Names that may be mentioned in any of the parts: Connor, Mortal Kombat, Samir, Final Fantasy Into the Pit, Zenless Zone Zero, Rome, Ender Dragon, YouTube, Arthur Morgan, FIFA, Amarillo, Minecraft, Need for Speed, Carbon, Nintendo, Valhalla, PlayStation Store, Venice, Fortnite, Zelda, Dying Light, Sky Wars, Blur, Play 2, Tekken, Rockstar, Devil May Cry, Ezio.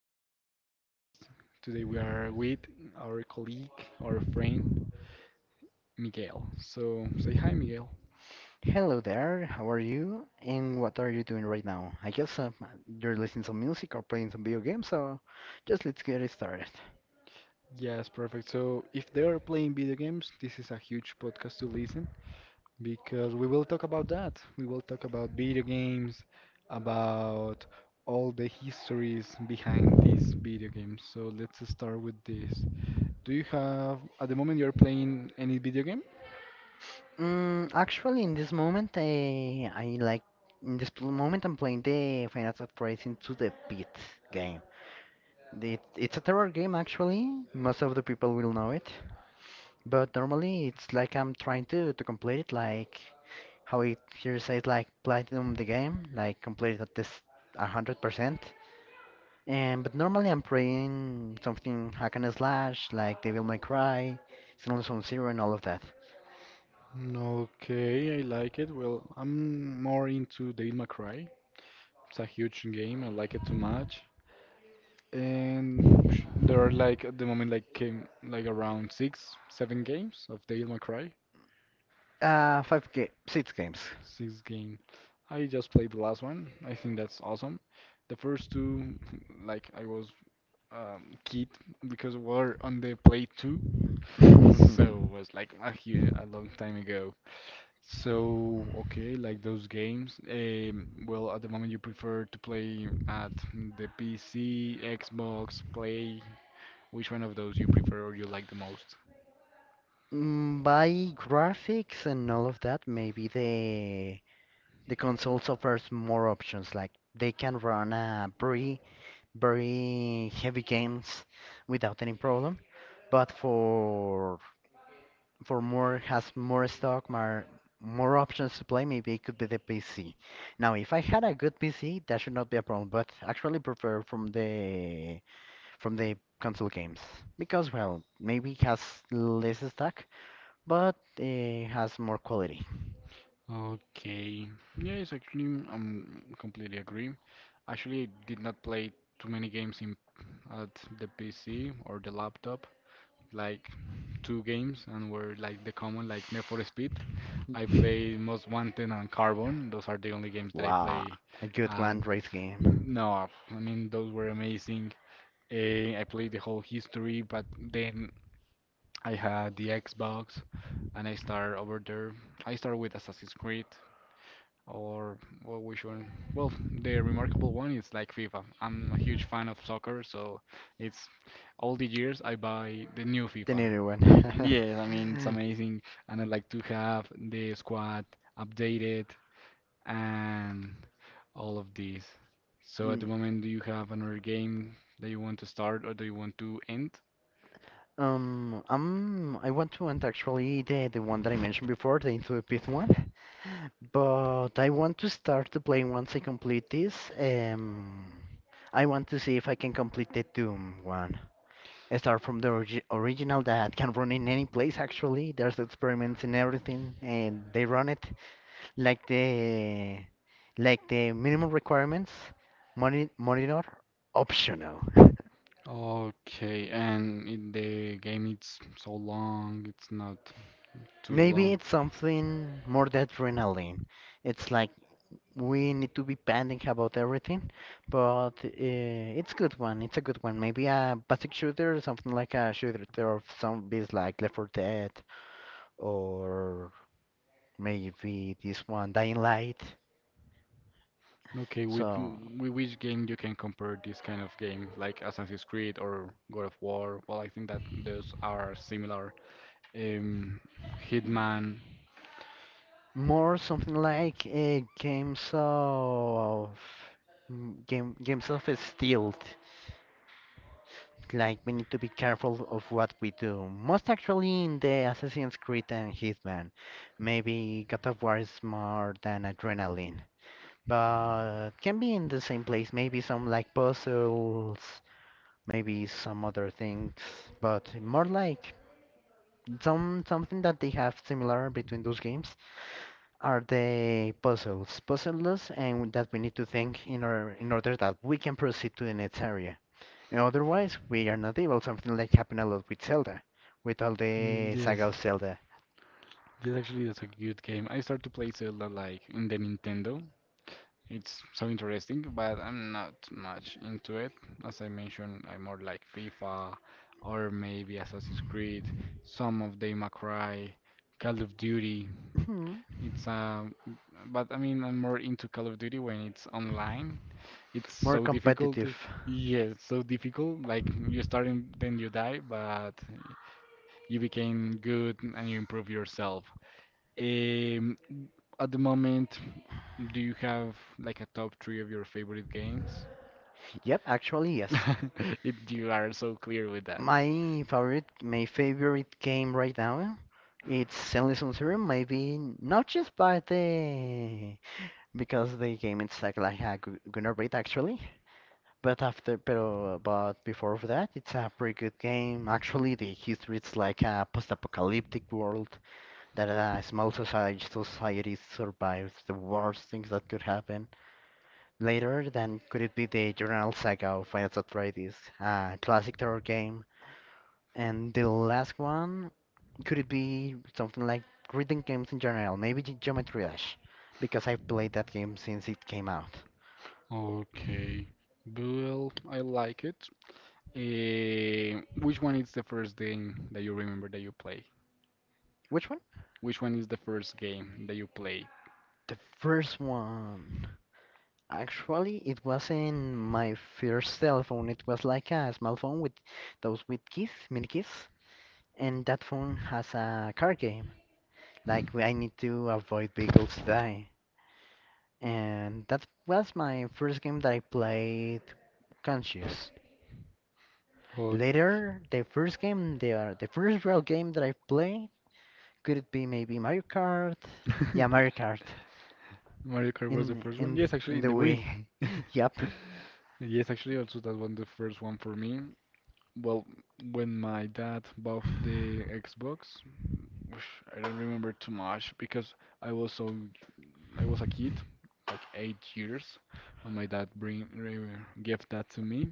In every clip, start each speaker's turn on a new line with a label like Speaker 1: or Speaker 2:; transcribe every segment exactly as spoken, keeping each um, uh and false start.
Speaker 1: to today's podcast. Today we are with our colleague, our friend Miguel. So say hi Miguel.
Speaker 2: Hello there, how are you? And what are you doing right now? I guess uh, you're listening to music or playing some video games, so just let's get it started.
Speaker 1: Yes, perfect. So if they are playing video games, this is a huge podcast to listen because we will talk about that. We will talk about video games, about all the histories behind these video games. So let's start with this. Do you have, at the moment, you're playing any video game?
Speaker 2: Mm, actually, in this moment, I, I like, in this pl- moment, I'm playing the Final Fantasy Into the Pit game. It, it's a terror game, actually. Most of the people will know it. But normally, it's like I'm trying to, to complete it, like how it here says, like platinum the game, like complete at this one hundred percent. And but normally I'm playing something hack and slash like Devil May Cry, Xenoblade Zone Zero, and all of that.
Speaker 1: Okay, I like it. Well, I'm more into Devil May Cry. It's a huge game. I like it too much. And sh- there are like at the moment like came like around six, seven games of Devil May Cry.
Speaker 2: Uh, five ga- six games.
Speaker 1: Six game. I just played the last one. I think that's awesome. The first two, like I was um, kid because we were on the Play two, so it was like a, hu- a long time ago. So, okay, like those games. Um, well, at the moment you prefer to play at the P C, Xbox, Play. Which one of those you prefer or you like the most?
Speaker 2: Mm, By graphics and all of that, maybe the the console offers more options. Like they can run uh, very very heavy games without any problem. But for for more has more stock, more more options to play. Maybe it could be the P C. Now, if I had a good P C, that should not be a problem. But actually, prefer from the from the console games because well, maybe it has less stock, but it has more quality.
Speaker 1: Okay. Yes, actually, I'm completely agree. Actually, I did not play too many games in at the P C or the laptop. Like two games and were like the common like Need for Speed. I play Most Wanted and Carbon. Those are the only games that I
Speaker 2: Wow,
Speaker 1: play.
Speaker 2: a good
Speaker 1: Uh,
Speaker 2: one, race game.
Speaker 1: no, I mean those were amazing. Eh, I played the whole history, but then I had the Xbox and I started over there. I started with Assassin's Creed. Or well, which one? Well, the remarkable one is like FIFA. I'm a huge fan of soccer, so it's all the years I buy the new
Speaker 2: The
Speaker 1: FIFA.
Speaker 2: new one.
Speaker 1: Yes, I mean it's amazing, and I like to have the squad updated and all of these. So at
Speaker 2: Mm.
Speaker 1: the moment, do you have another game that you want to start or do you want to end?
Speaker 2: Um, I'm, I want to end actually the, the one that I mentioned before, the Into the Pit one, but I want to start to play once I complete this. Um, I want to see if I can complete the Doom one. I start from the origi original that can run in any place actually. There's experiments and everything, and they run it like the like the minimum requirements, moni monitor optional.
Speaker 1: Okay, and it, the game it's so long, it's not too
Speaker 2: Maybe
Speaker 1: long.
Speaker 2: it's something more than adrenaline. It's like we need to be panic about everything, but uh, it's good one. It's a good one. Maybe a basic shooter, something like a shooter of zombies like Left four Dead, or maybe this one Dying Light.
Speaker 1: Okay, with
Speaker 2: So
Speaker 1: m- with which game you can compare this kind of game, like Assassin's Creed or God of War? Well, I think that those are similar. Um, Hitman.
Speaker 2: more something like uh, games of mm, game games of steel. Like we need to be careful of what we do. Most actually in the Assassin's Creed and Hitman. Maybe God of War is more than adrenaline. But can be in the same place, maybe some like puzzles, maybe some other things, but more like some something that they have similar between those games are the puzzles. Puzzles and that we need to think in order in order that we can proceed to the next area. And otherwise, we are not able. Something like happened a lot with Zelda, with all
Speaker 1: Mm,
Speaker 2: the
Speaker 1: yes.
Speaker 2: saga of Zelda.
Speaker 1: Yes, actually, that's a good game. I started to play Zelda like in the Nintendo. It's so interesting, but I'm not much into it. As I mentioned, I'm more like FIFA or maybe Assassin's Creed, some of the May Cry, Call of Duty.
Speaker 2: Mhm.
Speaker 1: It's um, but I mean, I'm more into Call of Duty when it's online. It's
Speaker 2: More
Speaker 1: so difficult.
Speaker 2: competitive.
Speaker 1: to- Yes, so difficult. Like you start and then you die, but you became good and you improve yourself. Um, at the moment, do you have like a top three of your favorite games?
Speaker 2: Yep, actually, yes.
Speaker 1: It, you are so clear with that.
Speaker 2: My favorite, my favorite game right now, it's Zenless Zone Zero. Maybe not just by the because the game it's like like a g- gonna rate actually. But after, pero, but before of that, it's a pretty good game. Actually, the history it's like a post-apocalyptic world that a small society, society survives the worst things that could happen later, then could it be the Journal Saga of Final Atreides, a classic terror game? And the last one, could it be something like reading games in general, maybe Ge- Geometry Dash, because I've played that game since it came out.
Speaker 1: Okay. Well, I like it. Uh, which one is the first game that you remember that you play?
Speaker 2: Which one?
Speaker 1: Which one is the first game that you play?
Speaker 2: The first one. Actually, it was in my first cell phone. It was like a small phone with those with keys, mini keys, and that phone has a car game. Like I need to avoid vehicles to die. And that was my first game that I played conscious.
Speaker 1: Okay.
Speaker 2: Later, the first game, the uh, the first real game that I played, could it be maybe Mario Kart? Yeah, Mario Kart.
Speaker 1: Mario Kart was the
Speaker 2: In
Speaker 1: first
Speaker 2: in
Speaker 1: one. Yes, actually,
Speaker 2: in
Speaker 1: in
Speaker 2: the
Speaker 1: the Wii.
Speaker 2: way. Yep.
Speaker 1: Yes, actually, also that was the first one for me. Well, when my dad bought the Xbox, which I don't remember too much because I was so I was a kid, like eight years, when my dad bring re- gave that to me.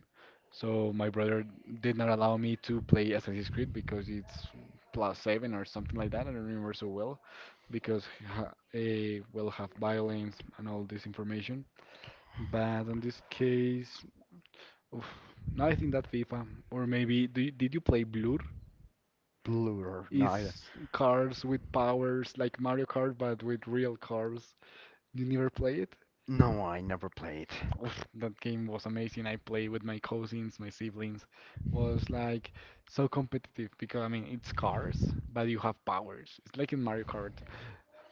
Speaker 1: So my brother did not allow me to play Assassin's Creed because it's plus seven or something like that. I don't remember so well because ha- it will have violence and all this information. But on this case, oof, now I think that FIFA or maybe do you, did you play Blur?
Speaker 2: Blur. No, I,
Speaker 1: Is cars with powers like Mario Kart but with real cars. You never play it?
Speaker 2: no, I never played.
Speaker 1: Oof, that game was amazing. I played with my cousins, my siblings. Was like so competitive because I mean it's cars, but you have powers. It's like in Mario Kart.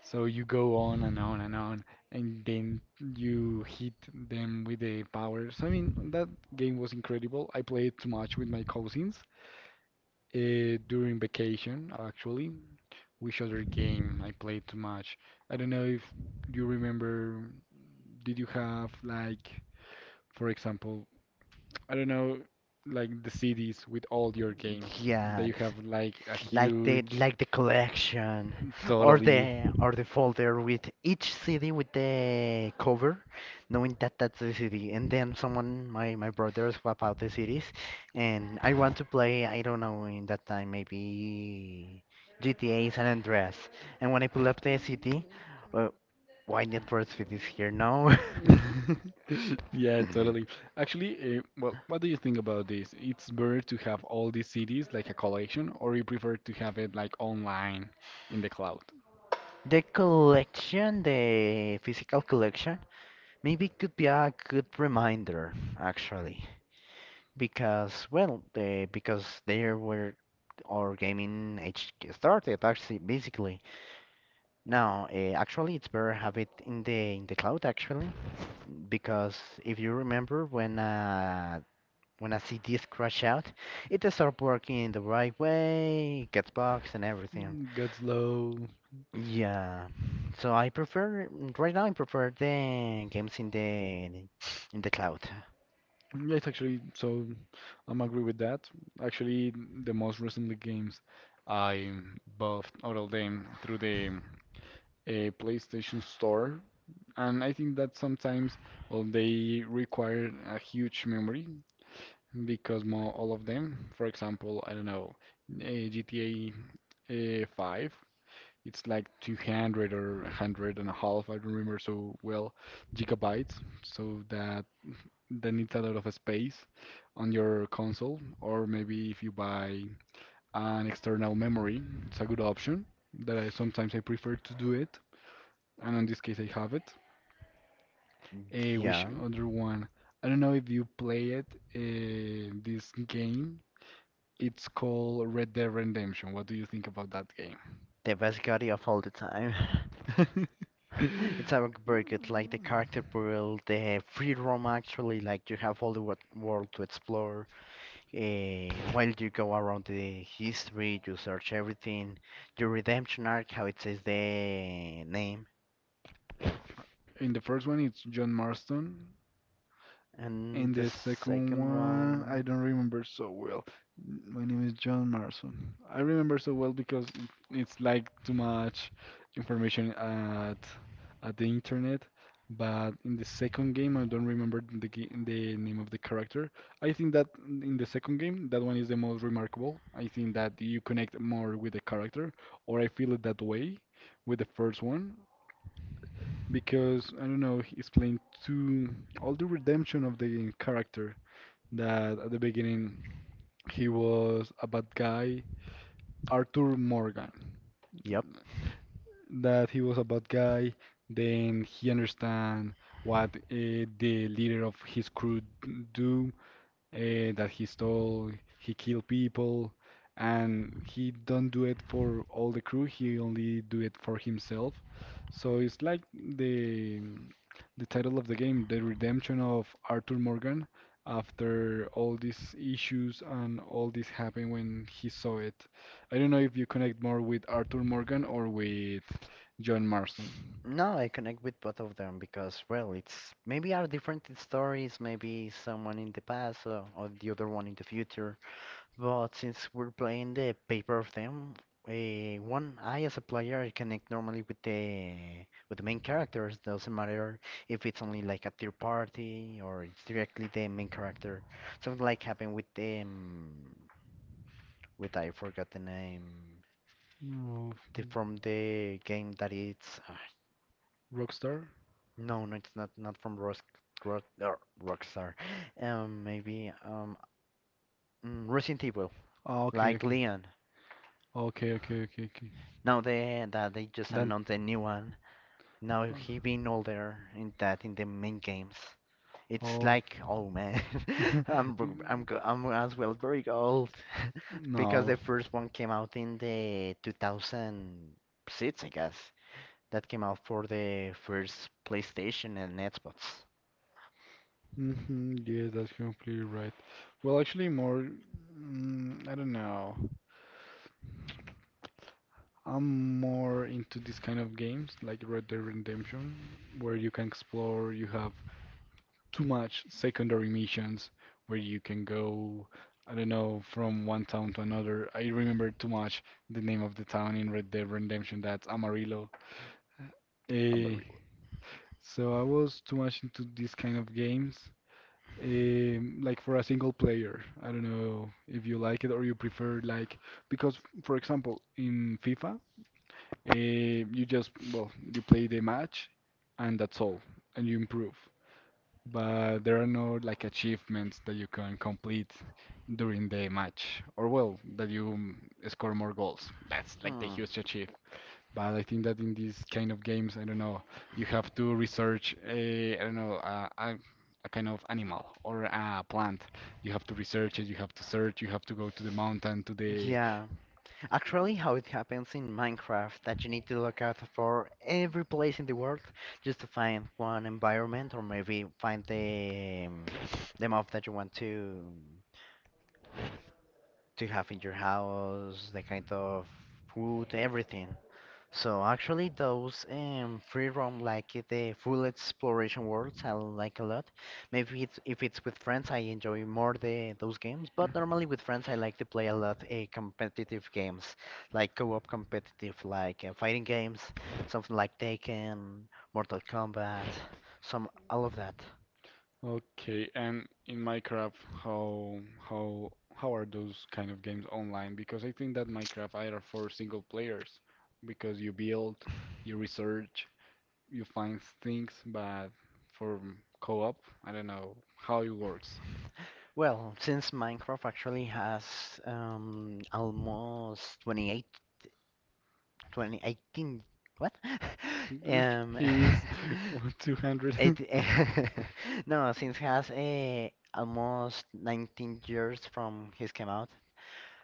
Speaker 1: So you go on and on and on, and then you hit them with the powers. I mean that game was incredible. I played too much with my cousins uh, during vacation. Actually, which other game I played too much? I don't know if you remember. Did you have like? For example, I don't know, like the C Ds with all your games that
Speaker 2: Yeah,
Speaker 1: you have like a
Speaker 2: it's like the
Speaker 1: huge,
Speaker 2: like the collection or
Speaker 1: totally.
Speaker 2: the or the folder with each C D with the cover, knowing that that's the C D. And then someone, my my brother, swap out the C Ds, and I want to play. I don't know in that time maybe G T A San Andreas. And when I pull up the C D, uh, why not for Speed is here? Now?
Speaker 1: Yeah, totally. Actually, uh, well, what do you think about this? It's better to have all these C Ds like a collection, or you prefer to have it like online in the cloud?
Speaker 2: The collection, the physical collection, maybe could be a good reminder actually, because well, the because there were our gaming age started actually basically. Now, uh, actually, it's better have it in the in the cloud actually, because if you remember when uh when a C D is crash out, it does start working in the right way, gets bugs and everything.
Speaker 1: Mm, go slow.
Speaker 2: Yeah. So I prefer right now I prefer the games in the in the cloud.
Speaker 1: Yeah, it's actually so I'm agree with that. Actually, the most recently games I bought all of them through the uh, PlayStation Store, and I think that sometimes well they require a huge memory because more all of them. For example, I don't know, uh, G T A uh, five. It's like two hundred or one hundred and a half, I don't remember so well, gigabytes. So that that needs a lot of space on your console, or maybe if you buy an external memory, it's a good option that I sometimes I prefer to do it, and in this case I have it. Eh, which
Speaker 2: Yeah.
Speaker 1: other one? I don't know if you play it. Uh, this game, it's called Red Dead Redemption. What do you think about that game?
Speaker 2: The best Gaudy of all the time. It's a very good, like the character build, the free roam actually, like you have all the wor- world to explore. Uh, while you go around the history, you search everything. Your redemption arc, how it says the name.
Speaker 1: In the first one, it's John Marston.
Speaker 2: And
Speaker 1: And
Speaker 2: the
Speaker 1: the second
Speaker 2: second
Speaker 1: one, I
Speaker 2: one.
Speaker 1: don't remember so well. My name is John Marson. I remember so well because it- it's like too much information at at the internet. But in the second game, I don't remember the ga- the name of the character. I think that in the second game, that one is the most remarkable. I think that you connect more with the character, or I feel it that way with the first one because I don't know, he's playing too all the redemption of the character that at the beginning he was a bad guy, Arthur Morgan.
Speaker 2: Yep.
Speaker 1: That he was a bad guy, then he understand what uh, the leader of his crew do, uh, that he stole, he killed people, and he don't do it for all the crew. He only do it for himself. So it's like the the title of the game, the redemption of Arthur Morgan after all these issues and all this happened when he saw it. I don't know if you connect more with Arthur Morgan or with John Marston.
Speaker 2: No, I connect with both of them because, well, it's maybe are different in stories, maybe someone in the past or, or the other one in the future. But since we're playing the paper of them, uh, one I as a player I connect normally with the with the main characters. Doesn't matter if it's only like a third party or it's directly the main character. Something like happened with the um, with I forgot the name
Speaker 1: No,
Speaker 2: the, from the game that it's. uh,
Speaker 1: Rockstar?
Speaker 2: No, no, it's not not from Rock, Rock, er, Rockstar. Um, maybe um mm, Resident Evil,
Speaker 1: Ah, okay,
Speaker 2: like
Speaker 1: okay.
Speaker 2: Leon.
Speaker 1: Okay, okay, okay, okay.
Speaker 2: Now they that they just
Speaker 1: Then-
Speaker 2: announced a new one. Now
Speaker 1: Oh.
Speaker 2: he being older in that in the main games.
Speaker 1: It's
Speaker 2: It's
Speaker 1: oh.
Speaker 2: like, oh man, I'm br- I'm
Speaker 1: I'm you-
Speaker 2: go- I'm as well very old because
Speaker 1: No.
Speaker 2: the first one came out in the two thousand six, I guess. That came out for the first PlayStation and Xbox.
Speaker 1: And hmm, yeah, that's completely right. Well, actually, more, mm, I don't know. I'm more into this kind of games like Red Dead Redemption, where you can explore, you have too much secondary missions where you can go, I don't know, from one town to another. I remember too much the name of the town in Red Dead Redemption, that's Amarillo.
Speaker 2: I'm a
Speaker 1: Eh,
Speaker 2: real.
Speaker 1: so I was too much into these kind of games. Um, like for a single player, I don't know if you like it or you prefer like because, for example, in FIFA, uh, you just well you play the match and that's all, and you improve. But there are no like achievements that you can complete during the match, or well, that you mm, score more goals. That's like the
Speaker 2: Hmm.
Speaker 1: huge achievement. But I think that in these kind of games, I don't know, you have to research a, I don't know, a, a, a kind of animal or a plant. You have to research it, you have to search, you have to go to the mountain, to the
Speaker 2: Yeah, actually, how it happens in Minecraft that you need to look out for every place in the world just to find one environment or maybe find the um, the mob that you want to to have in your house, the kind of food, everything. So actually, those um, free roam like it, the full exploration worlds, I like a lot. Maybe it's, if it's with friends, I enjoy more the those games. But normally with friends, I like to play a lot uh, competitive games, like co-op competitive, like uh, fighting games, something like Taken, Mortal Kombat, some all of that.
Speaker 1: okay, and in Minecraft, how how how are those kind of games online? Because I think that Minecraft either for single players, because you build, you research, you find things, but for co-op, I don't know how it works.
Speaker 2: Well, since Minecraft actually has um, almost twenty-eight, twenty, eighteen, what?
Speaker 1: Oosh,
Speaker 2: um,
Speaker 1: he is two hundred.
Speaker 2: It, no, since has uh, almost nineteen years from his came out.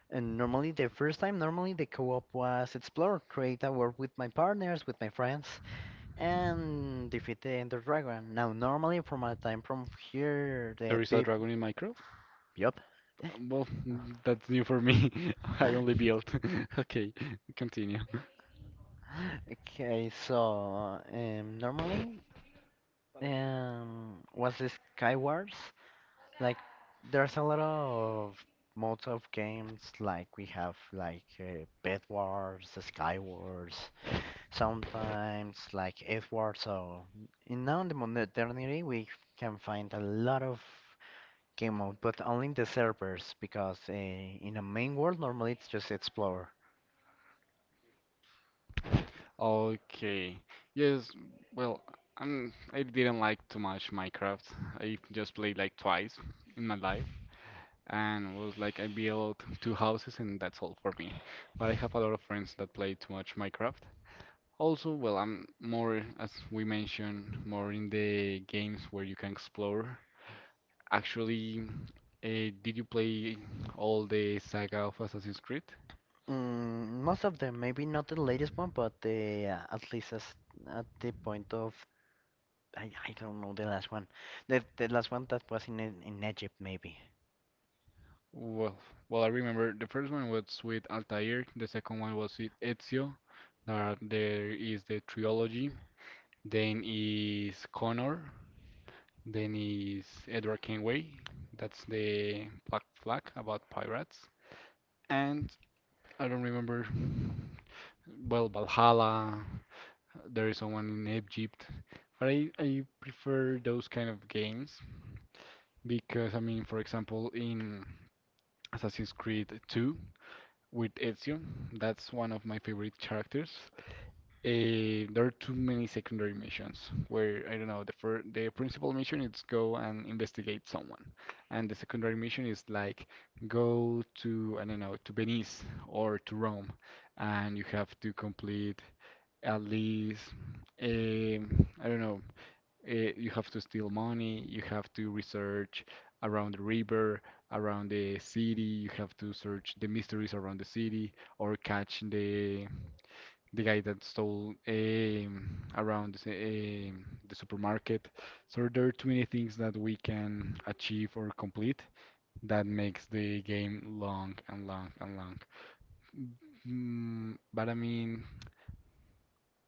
Speaker 2: And normally, the first time, normally the co-op was explore, create a world with my partners, with my friends, and defeat the Ender Dragon. Now, normally from my time from here, the
Speaker 1: There is a
Speaker 2: people.
Speaker 1: dragon in Minecraft?
Speaker 2: Yup.
Speaker 1: Um, Well, that's new for me. I only built. Okay, continue.
Speaker 2: Okay, so um, normally um, was the Skywars. Like there's a lot of modes of games like we have like uh, Bed Wars, Sky Wars, sometimes like Earth Wars. So in now in the modernity we can find a lot of game mode, but only in the servers because uh, in the main world normally it's just Explorer.
Speaker 1: Okay. Yes, well, I'm, I didn't like too much Minecraft. I just played like twice in my life and was like I built two houses and that's all for me. But I have a lot of friends that play too much Minecraft. Also, well, I'm more, as we mentioned, more in the games where you can explore actually, uh, did you play all the saga of Assassin's Creed?
Speaker 2: Mm, most of them, maybe not the latest one, but uh, at least as, at the point of I, I don't know the last one. The the last one that was in E- in Egypt maybe.
Speaker 1: Well, well, I remember the first one was with Altair, the second one was with Ezio. Uh, there is the trilogy. Then is Connor. Then is Edward Kenway. That's the Black Flag about pirates. And I don't remember. Well, Valhalla. There is someone in Egypt. But I, I prefer those kind of games because, I mean, for example, in Assassin's Creed two with Ezio, that's one of my favorite characters. Eh, there are too many secondary missions where, I don't know, the fir the principal mission is go and investigate someone. And the secondary mission is like go to, I don't know, to Venice or to Rome. And you have to complete at least, eh, I don't know, uh, you have to steal money, you have to research around the river, around the city. You have to search the mysteries around the city or catch the the guy that stole um, around the, s- um, the supermarket. So there are too many things that we can achieve or complete that makes the game long and long and long. Mm, but I mean,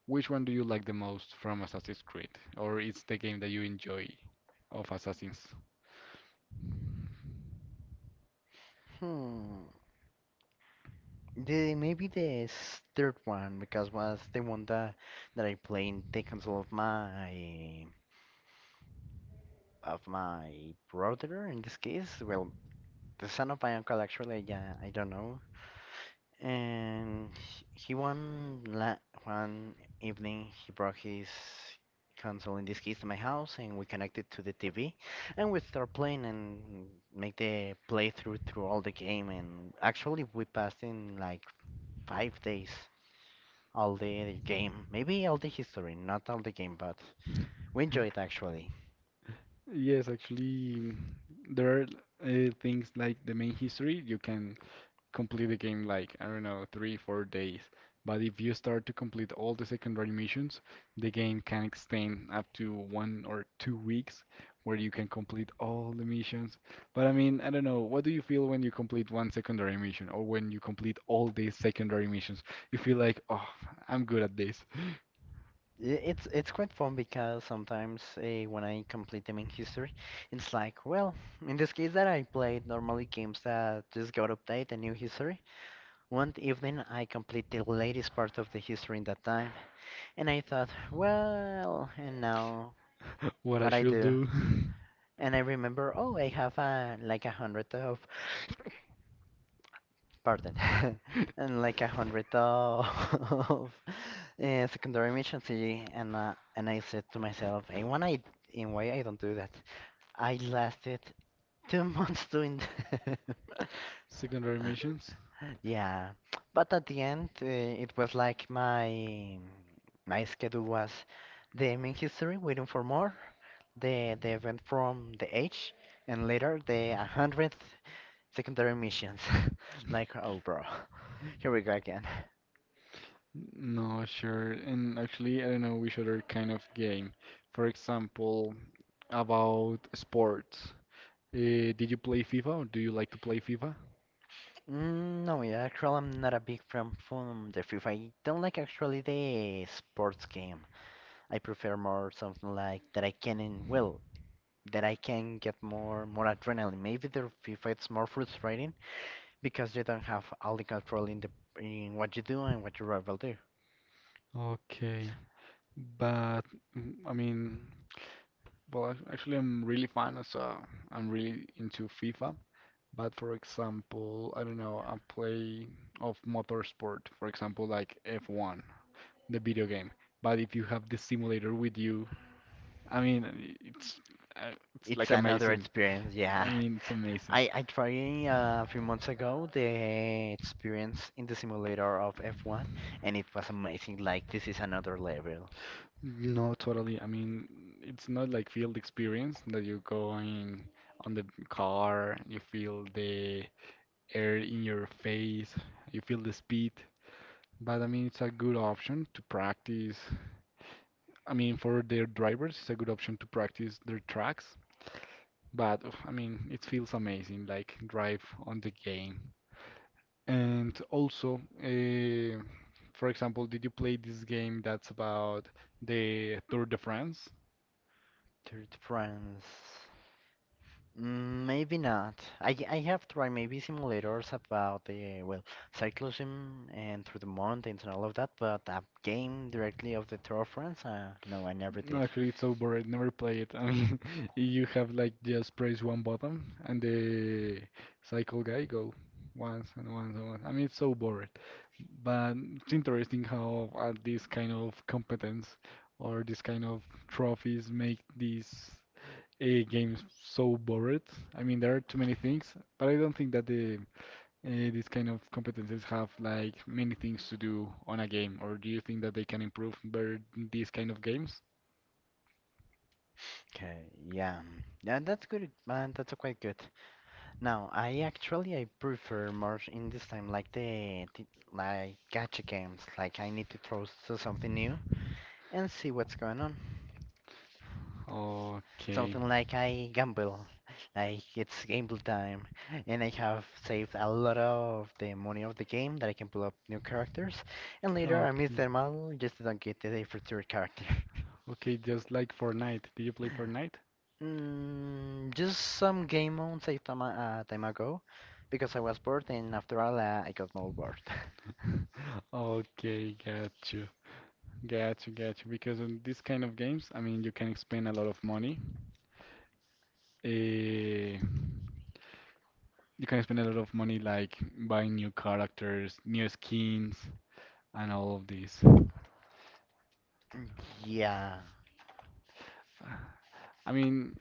Speaker 1: which one do you like the most from Assassin's Creed? Or it's the game that you enjoy of Assassin's?
Speaker 2: Hmm. The maybe the s- third one because was the one that that I played in the console of my of my brother in this case. Well, the son of my uncle actually. Yeah, I don't know. And he one la one evening he brought his console in this case to my house and we connected to the T V and we start playing and make the playthrough through all the game and actually we passed in like five days all the game maybe all the history not all the game but we enjoy it actually.
Speaker 1: Yes, actually, mm, there are uh, things like the main history. You can complete the game like, I don't know, three, four days. But if you start to complete all the secondary missions, the game can extend up to one or two weeks where you can complete all the missions. But I mean, I don't know, what do you feel when you complete one secondary mission or when you complete all these secondary missions? You feel like, oh, I'm good at this.
Speaker 2: I- It's it's quite fun because sometimes uh, when I complete them in history, it's like, well, in this case that I played normally games that just got update a new history. One evening I complete the latest part of the history in that time, and I thought, well, and now
Speaker 1: What I
Speaker 2: what I
Speaker 1: should
Speaker 2: do?
Speaker 1: do?
Speaker 2: And I remember, oh, I have uh, like a hundred of pardon, and like a hundred of uh, secondary missions, y- and uh, and I said to myself, "Hey, when I in why I don't do that? I lasted two months doing that."
Speaker 1: Secondary missions?
Speaker 2: Yeah, but at the end, uh, it was like my my schedule was the main history, waiting for more, the the event from the age, and later the hundredth secondary missions. Like, oh, bro. Here we go again.
Speaker 1: No, sure. And actually, I don't know which other kind of game. For example, about sports. Uh, did you play FIFA or do you like to play FIFA?
Speaker 2: Mm, no, yeah, actually, I'm not a big fan from the FIFA. I don't like actually the sports game. I prefer more something like that I can, in- well, that I can get more more adrenaline. Maybe the FIFA it's more frustrating because you don't have all the control in the in what you do and what your rival do.
Speaker 1: Okay. But mm, I mean, well, ac- actually, I'm really fan of, uh, I'm really into FIFA. But for example, I don't know, I play of motorsport, for example, like F one, the video game. But if you have the simulator with you, I mean, it's uh, it's
Speaker 2: It's
Speaker 1: like
Speaker 2: another
Speaker 1: amazing.
Speaker 2: experience,
Speaker 1: I
Speaker 2: yeah.
Speaker 1: mean, it's amazing.
Speaker 2: I I tried uh, a few months ago the experience in the simulator of F one, and it was amazing. Like this is another level.
Speaker 1: No, totally. I mean, it's not like field experience that you're going on the car, you feel the air in your face, you feel the speed. But I mean, it's a good option to practice. I mean, for their drivers, it's a good option to practice their tracks. But ugh, I mean, it feels amazing, like drive on the game. And also, uh, for example, did you play this game that's about the Tour de France?
Speaker 2: Tour de France. Mm, Maybe not. I I have tried maybe simulators about the well cyclism and through the mountains and all of that, but a game directly of the Tour of France, uh, no, I never
Speaker 1: No,
Speaker 2: did.
Speaker 1: actually, it's so boring. Never play it. I mean, you have like just press one button and the cycle guy go once and once and once. I mean, it's so boring. But it's interesting how uh, this kind of competence or this kind of trophies make this a game so bored. I mean, there are too many things, but I don't think that the uh, these kind of competencies have like many things to do on a game. Or do you think that they can improve better these kind of games?
Speaker 2: Okay, yeah, yeah, that's good. Man, that's quite good. No, I actually I prefer more in this time like the, the like gacha games. Like I need to throw to something new and see what's going on.
Speaker 1: Okay.
Speaker 2: Something like I gamble, like it's gamble time, and I have saved a lot of the money of the game that I can pull up new characters, and later I miss
Speaker 1: Okay.
Speaker 2: them all just don't get the future character.
Speaker 1: Okay, just like Fortnite. Do you play Fortnite?
Speaker 2: Mm, just some game modes I time a uh, time ago because I was bored and after all uh, I got more bored.
Speaker 1: Okay, got you. Got you, got you. Because in these kind of games, I mean, you can spend a lot of money. Uh, You can spend a lot of money like buying new characters, new skins, and all of this.
Speaker 2: Mm. Yeah.
Speaker 1: I mean,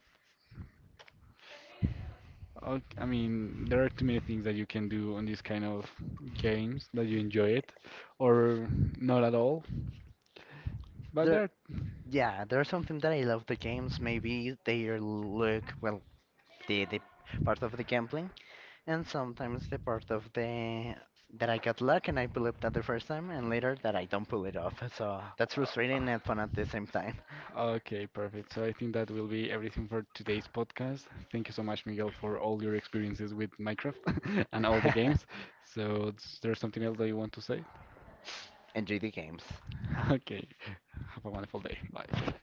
Speaker 1: ok- I mean, there are too many things that you can do on these kind of games that you enjoy it, or not at all. But
Speaker 2: There,
Speaker 1: there
Speaker 2: yeah, there's something that I love the games. Maybe they are look well, the the part of the gambling, and sometimes the part of the that I got luck and I pull it that the first time, and later that I don't pull it off. So that's
Speaker 1: Uh,
Speaker 2: frustrating and fun at the same time.
Speaker 1: okay, perfect. So I think that will be everything for today's podcast. Thank you so much, Miguel, for all your experiences with Minecraft and all the games. So, is there something else that you want to say?
Speaker 2: Enjoy the games.
Speaker 1: Okay. Have a wonderful day. Bye.